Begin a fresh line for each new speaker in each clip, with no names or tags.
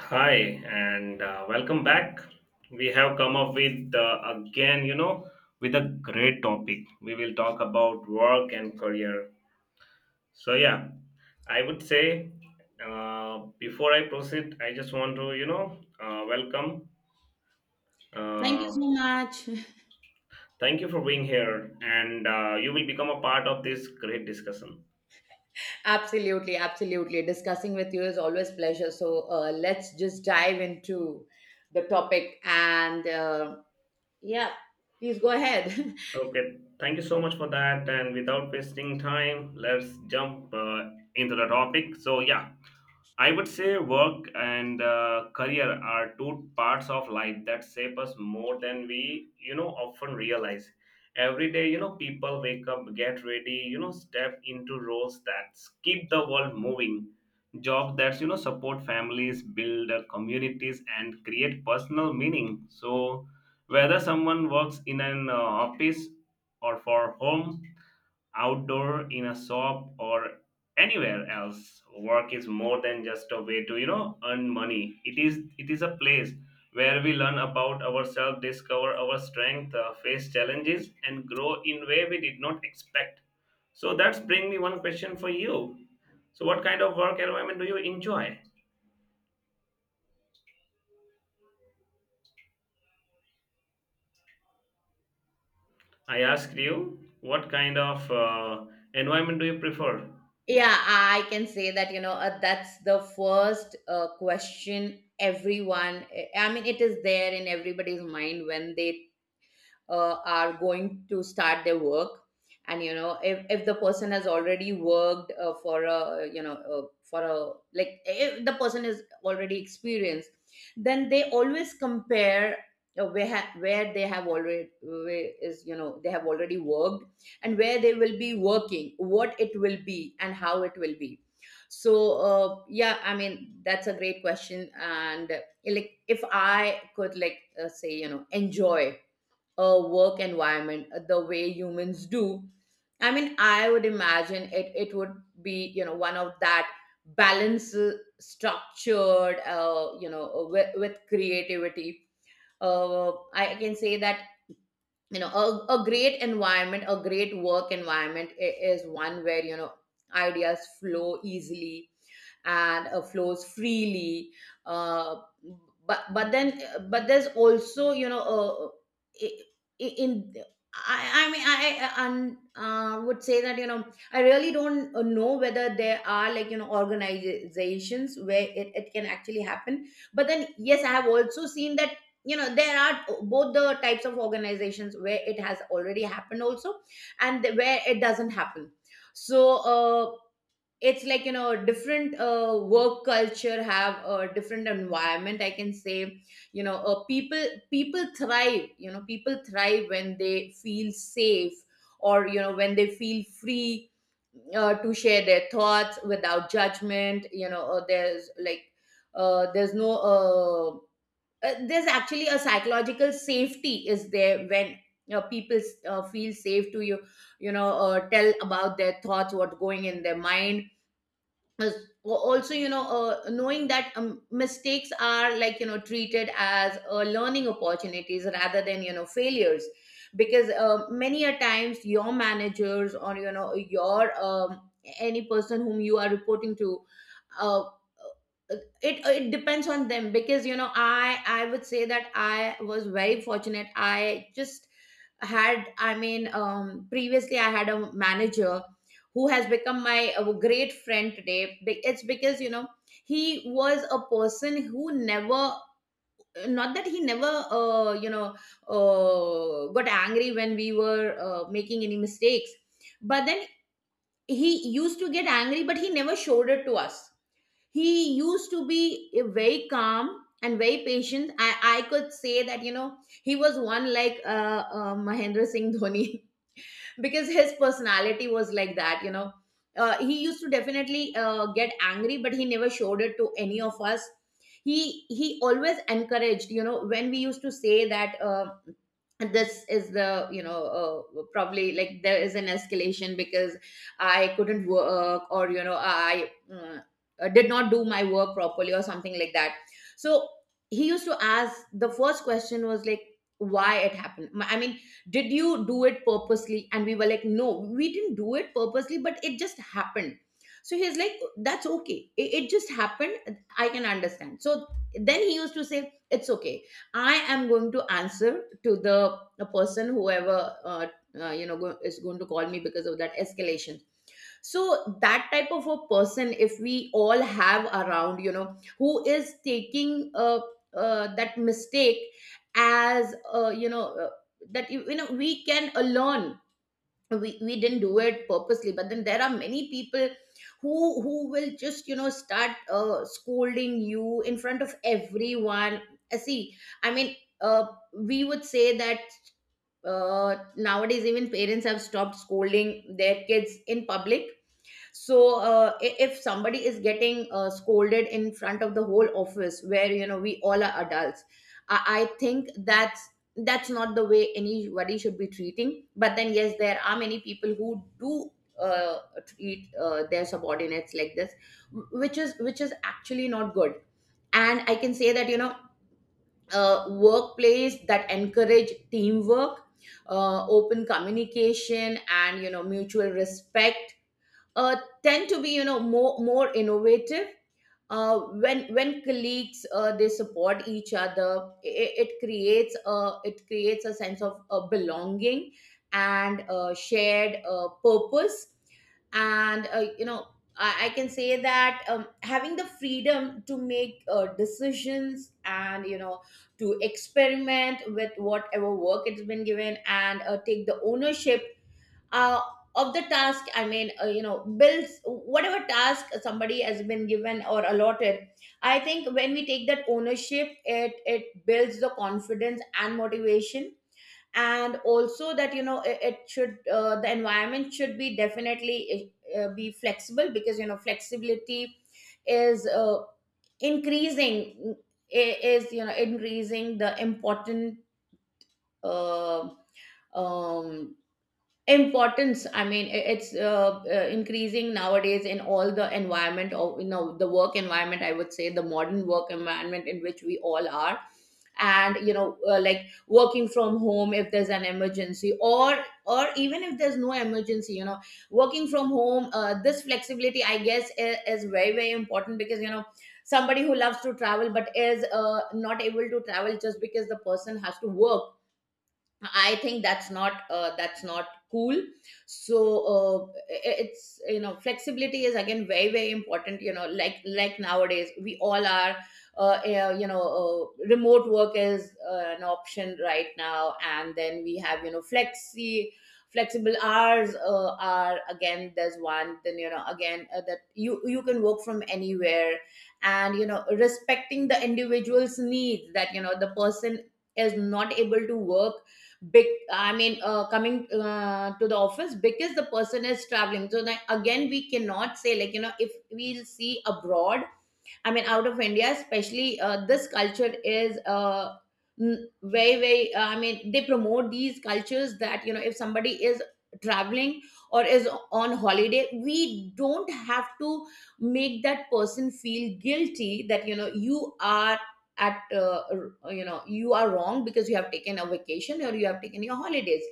Hi, and welcome back. We have come up with again, with a great topic. We will talk about work and career. So, yeah, I would say before I proceed, I just want to, welcome.
Thank you
Uh,
so much.
Thank you for being here, and you will become a part of this great discussion.
Absolutely, absolutely. Discussing with you is always pleasure. So let's just dive into the topic and yeah, please go ahead.
Okay, thank you so much for that. And without wasting time, let's jump into the topic. So, yeah, I would say work and career are two parts of life that shape us more than we, often realize. Every day, people wake up, get ready, step into roles that keep the world moving, jobs that, support families, build communities, and create personal meaning. So, whether someone works in an office or for home, outdoor in a shop or anywhere else, work is more than just a way to earn money. It is a place where we learn about ourselves, discover our strength, face challenges, and grow in way we did not expect. So that's bring me one question for you. So what kind of work environment do you enjoy? I asked you, what kind of environment do you prefer?
Yeah, I can say that that's the first question everyone. I mean, it is there in everybody's mind when they are going to start their work, and you know if the person has already worked for a you know for a like if the person is already experienced, then they always compare where they have already, where is you know they have already worked, and where they will be working, what it will be and how it will be. So uh, yeah I mean that's a great question and like if I could say you know enjoy work environment the way humans do. I mean I would imagine it would be you know one of that balance, structured, with creativity. I can say that you know a great environment, a great work environment is one where you know ideas flow easily and flows freely. Uh, but but then, but there's also you know I- in I, I mean I un- would say that you know I really don't know whether there are like you know organizations where it can actually happen, but then yes I have also seen that you know there are both the types of organizations where it has already happened also, and where it doesn't happen. So it's like you know different work culture have a different environment, I can say. You know people thrive, you know people thrive when they feel safe or you know when they feel free to share their thoughts without judgment. You know there's there's no, there's actually a psychological safety is there when you know people feel safe to tell about their thoughts, what's going in their mind. Also, you know knowing that mistakes are like you know treated as learning opportunities rather than you know failures, because many a times your managers or you know your any person whom you are reporting to, uh, it it depends on them. Because you know I would say that I was very fortunate. I just had, I mean previously I had a manager who has become my great friend today. It's because you know he was a person who never, not that he never got angry when we were making any mistakes, but then he used to get angry, but he never showed it to us. He used to be very calm and very patient. I could say that you know he was one like Mahendra Singh Dhoni because his personality was like that, you know. He used to definitely get angry, but he never showed it to any of us. He always encouraged. You know, when we used to say that this is the you know probably like there is an escalation because I couldn't work, or you know I did not do my work properly or something like that. So he used to ask, the first question was like, why it happened? I mean, did you do it purposely? And we were like, no, we didn't do it purposely, but it just happened. So he's like, that's okay, it just happened, I can understand. So then he used to say, it's okay, I am going to answer to the person whoever is going to call me because of that escalation. So that type of a person, if we all have around, you know, who is taking that mistake as that you know we can learn. We didn't do it purposely, but then there are many people who will just you know start scolding you in front of everyone. See, I mean, uh, we would say that uh, nowadays even parents have stopped scolding their kids in public. So if somebody is getting scolded in front of the whole office where you know we all are adults, I think that's not the way anybody should be treating. But then yes, there are many people who do uh, treat their subordinates like this, which is, which is actually not good. And I can say that you know workplace that encourage teamwork, open communication and you know mutual respect uh, tend to be you know more innovative. When colleagues they support each other, it creates a sense of belonging and shared purpose. And you know, I can say that having the freedom to make decisions and you know to experiment with whatever work it's been given and take the ownership uh, of the task. I mean you know bills, whatever task somebody has been given or allotted, I think when we take that ownership it builds the confidence and motivation. And also that you know it, it should the environment should be definitely be flexible, because you know flexibility is increasing is you know increasing the important uh, um importance. I mean it's increasing nowadays in all the environment of you know the work environment, I would say the modern work environment in which we all are. And you know like working from home, if there's an emergency, or even if there's no emergency, you know working from home, this flexibility I guess is very very important, because you know somebody who loves to travel but is not able to travel just because the person has to work, I think that's not, that's not cool. So uh, it's you know flexibility is again very very important. You know, like nowadays we all are. You know, remote work is an option right now, and then we have you know flexible hours are again there's one. Then you know again that you can work from anywhere, and you know respecting the individual's needs, that you know the person is not able to work big I mean coming to the office because the person is traveling. So then again we cannot say like, you know, if we'll see abroad, I mean out of India, especially this culture is very, very. I mean, they promote these cultures that you know, if somebody is traveling or is on holiday, we don't have to make that person feel guilty, that you know you are at you know you are wrong because you have taken a vacation or you have taken your holidays.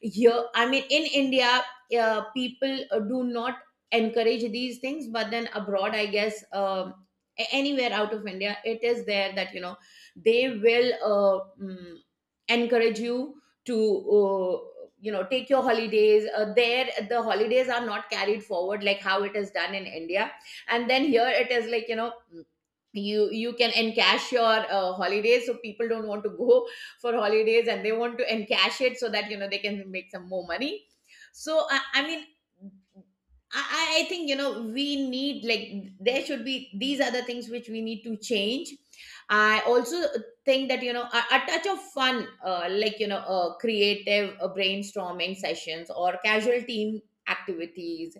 Here I mean in India, people do not encourage these things, but then abroad I guess a- anywhere out of India it is there that you know they will encourage you to you know take your holidays. There the holidays are not carried forward like how it is done in India, and then here it is like, you know, you can encash your holidays, so people don't want to go for holidays and they want to encash it so that you know they can make some more money. So I mean, I think you know we need like there should be, these are the things which we need to change. I also think that you know a touch of fun, like you know, creative brainstorming sessions or casual team activities,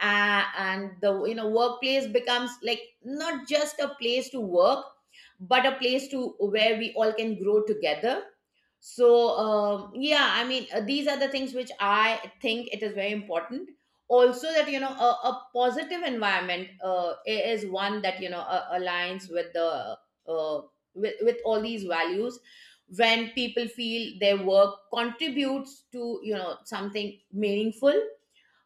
and the you know workplace becomes like not just a place to work, but a place to where we all can grow together. So these are the things which I think it is very important. Also that you know a positive environment is one that you know aligns with the uh, with all these values. When people feel their work contributes to you know something meaningful,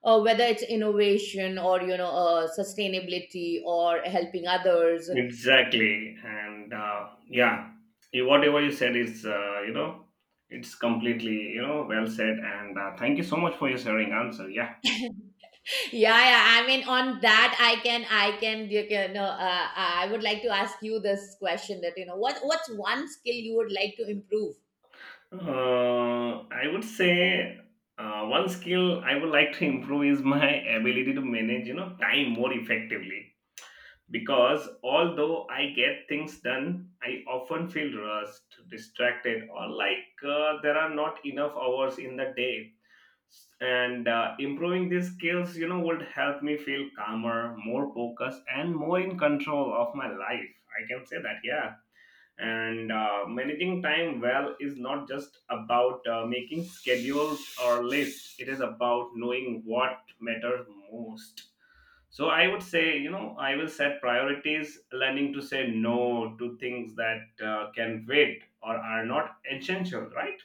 whether it's innovation or you know sustainability or helping others.
Exactly, and yeah, you- whatever you said is, it's completely, well said. And thank you so much for your sharing answer. Yeah,
Yeah, yeah, I mean, on that I can you can- know I would like to ask you this question, that you know what's one skill you would like to improve?
I would say one skill I would like to improve is my ability to manage, time more effectively. Because although I get things done, I often feel rushed, distracted, or like there are not enough hours in the day, and improving these skills would help me feel calmer, more focused, and more in control of my life, I can say that. Yeah, and managing time well is not just about making schedules or lists. It is about knowing what matters most. So I would say, I will set priorities, learning to say no to things that can wait or are not essential, right?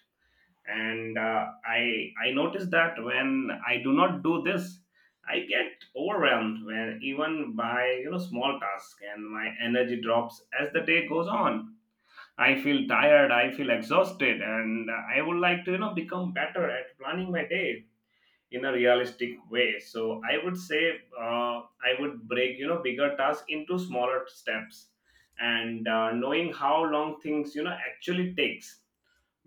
And I notice that when I do not do this, I get overwhelmed when even by small tasks, and my energy drops as the day goes on. I feel tired, I feel exhausted, and I would like to become better at planning my day in a realistic way. So I would say, I would break bigger tasks into smaller steps, and knowing how long things actually takes.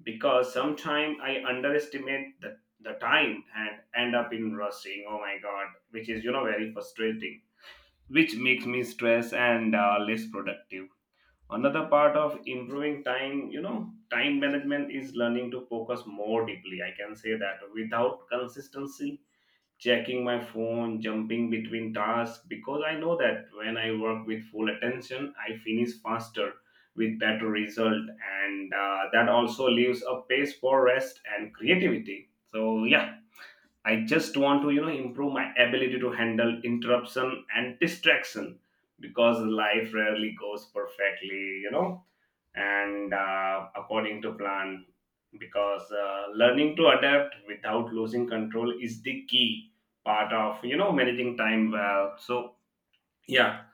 Because sometimes I underestimate the time and end up in rushing. Oh my god, which is very frustrating, which makes me stress and less productive. Another part of improving time, time management is learning to focus more deeply. I can say that without consistency checking my phone, jumping between tasks. Because I know that when I work with full attention, I finish faster with better result, and that also leaves a space for rest and creativity. So yeah, I just want to improve my ability to handle interruption and distraction, because life rarely goes perfectly, and according to plan. Because learning to adapt without losing control is the key part of managing time well. So yeah,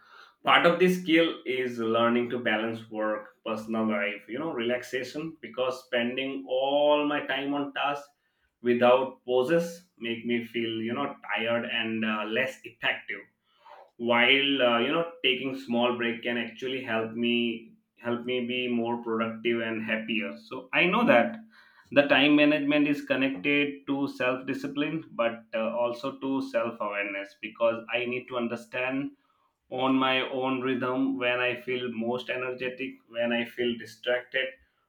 part of this skill is learning to balance work, personal life, relaxation. Because spending all my time on tasks without pauses make me feel tired and less effective, while taking small break can actually help me, help me be more productive and happier. So I know that the time management is connected to self discipline, but also to self awareness, because I need to understand on my own rhythm, when I feel most energetic, when I feel distracted,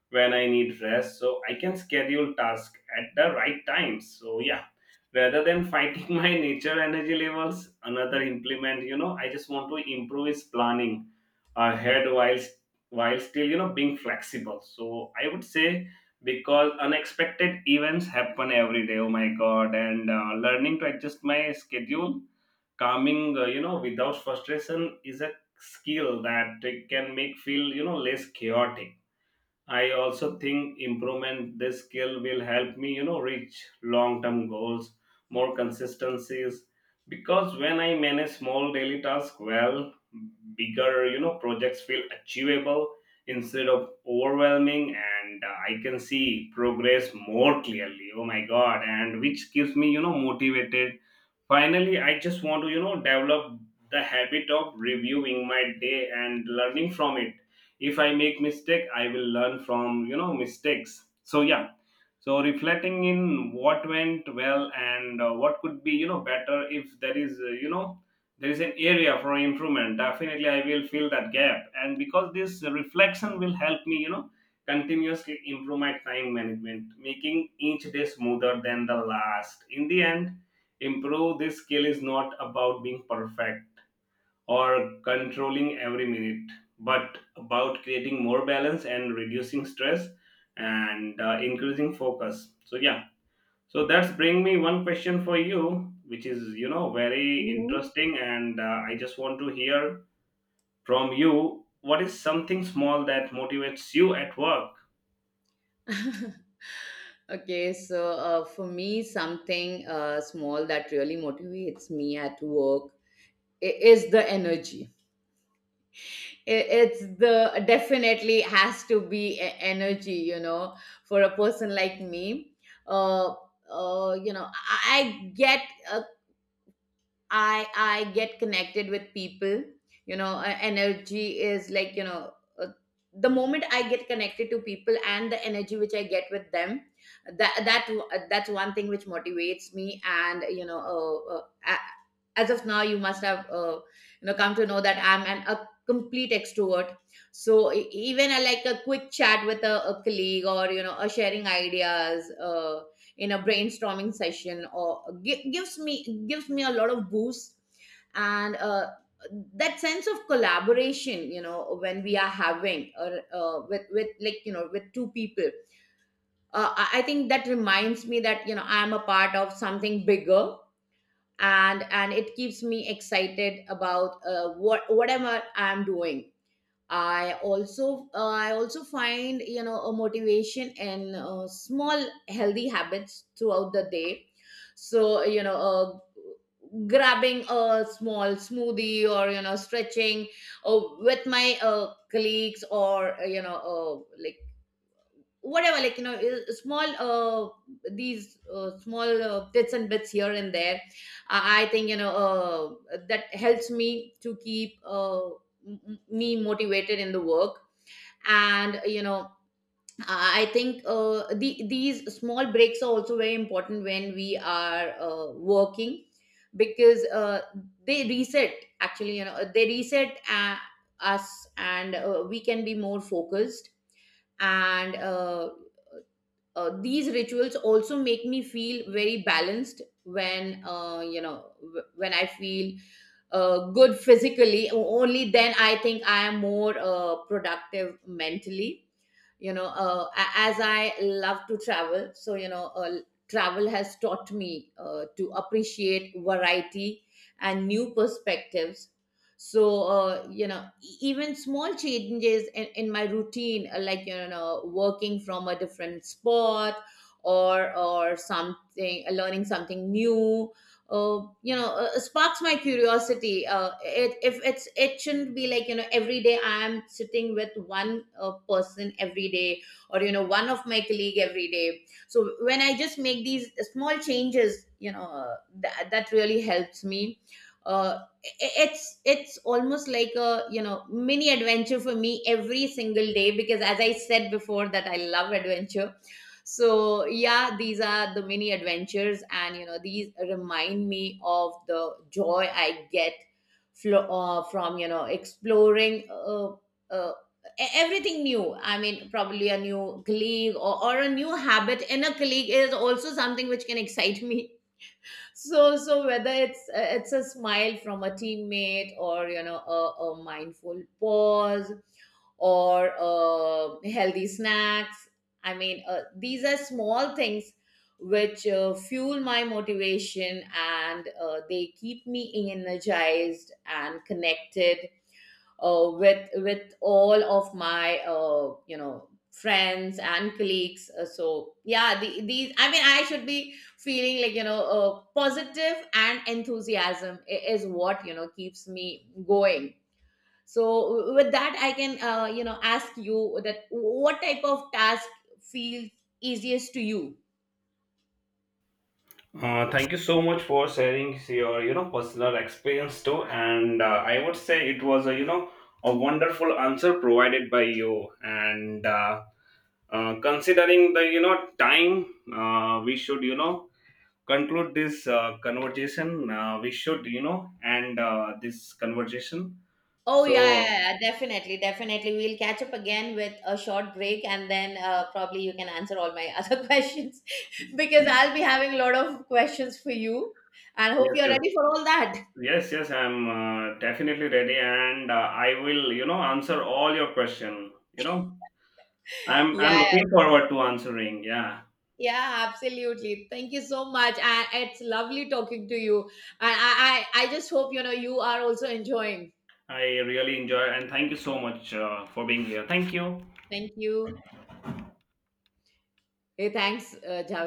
when I need rest. So I can schedule tasks at the right times. So yeah, rather than fighting my nature energy levels, another implement, I just want to improve is planning ahead while still, being flexible. So I would say, because unexpected events happen every day. Oh my god, and learning to adjust my schedule calming without frustration is a skill that it can make feel less chaotic. I also think improvement this skill will help me reach long term goals more consistencies. Because when I manage small daily tasks well, bigger projects feel achievable instead of overwhelming, and I can see progress more clearly. Oh my god, and which keeps me motivated. Finally, I just want to, develop the habit of reviewing my day and learning from it. If I make mistake, I will learn from, mistakes. So yeah. So reflecting in what went well and what could be, better. If there is, there is an area for improvement, definitely, I will fill that gap. And because this reflection will help me, continuously improve my time management, making each day smoother than the last. In the end, improve this skill is not about being perfect or controlling every minute, but about creating more balance and reducing stress and increasing focus. So yeah, so that's bring me one question for you, which is very
Mhm.
interesting, and I just want to hear from you, what is something small that motivates you at work?
Okay, so for me something small that really motivates me at work is the energy. I- it's the definitely has to be energy, you know, for a person like me. uh, you know, I get, I get connected with people. You know, energy is like, you know, uh, the moment I get connected to people and the energy which I get with them, that, that's one thing which motivates me. And you know, uh, uh, as of now, you must have you know come to know that I'm an a complete extrovert. So even a, like a quick chat with a colleague, or you know, a sharing ideas in a brainstorming session, or gi- gives me a lot of boost. And That sense of collaboration, you know, when we are having, or with like, you know, with two people, I think that reminds me that, you know, I'm a part of something bigger, and it keeps me excited about whatever I'm doing. I also find, you know, a motivation in small healthy habits throughout the day. So you know, grabbing a small smoothie, or you know, stretching with my colleagues, or you know, like whatever like you know small these small bits and bits here and there. I think, you know, that helps me to keep me motivated in the work. And you know, I think these small breaks are also very important when we are working, because they reset, actually, you know, they reset us, and we can be more focused. And These rituals also make me feel very balanced when, you know, when I feel good physically. Only then I think I am more productive mentally. You know, as I love to travel, so you know, travel has taught me to appreciate variety and new perspectives. So you know, even small changes in my routine, like you know, working from a different spot, or something, learning something new, you know, sparks my curiosity. If it's, it shouldn't be like, you know, every day I am sitting with one person every day, or you know, one of my colleague every day. So when I just make these small changes, you know, that really helps me. uh, it's almost like a, you know, mini adventure for me every single day, because as I said before, that I love adventure. So yeah, these are the mini adventures, and you know, these remind me of the joy I get from, you know, exploring uh, everything new. I mean probably a new colleague, or a new habit in a colleague, is also something which can excite me. So so whether it's a smile from a teammate, or you know, a mindful pause, or healthy snacks. I mean, these are small things which fuel my motivation, and they keep me energized and connected with all of my you know, friends and colleagues. So yeah, these, I mean, I should be feeling like, you know, positive, and enthusiasm is what, you know, keeps me going. So with that, I can you know ask you, that what type of task feels easiest to you.
Thank you so much for sharing your personal experience too, and I would say it was a a wonderful answer provided by you, and considering the time, we should conclude this conversation. We should end this conversation.
Oh, yeah, yeah,
So
yeah, yeah. Definitely, definitely. We'll catch up again with a short break, and then probably you can answer all my other questions, because I'll be having a lot of questions for you, and hope
yes,
you're
yes,
ready for all that.
yes, yes, I'm definitely ready, and I will answer all your question. I'm
Yeah,
I'm
yeah,
looking forward to answering. Yeah,
yeah, absolutely. Thank you so much. It's lovely talking to you. And I just hope, you know, you are also enjoying.
I really enjoy, and thank you so much for being here. Thank you.
Thank you. Hey, thanks, Jha.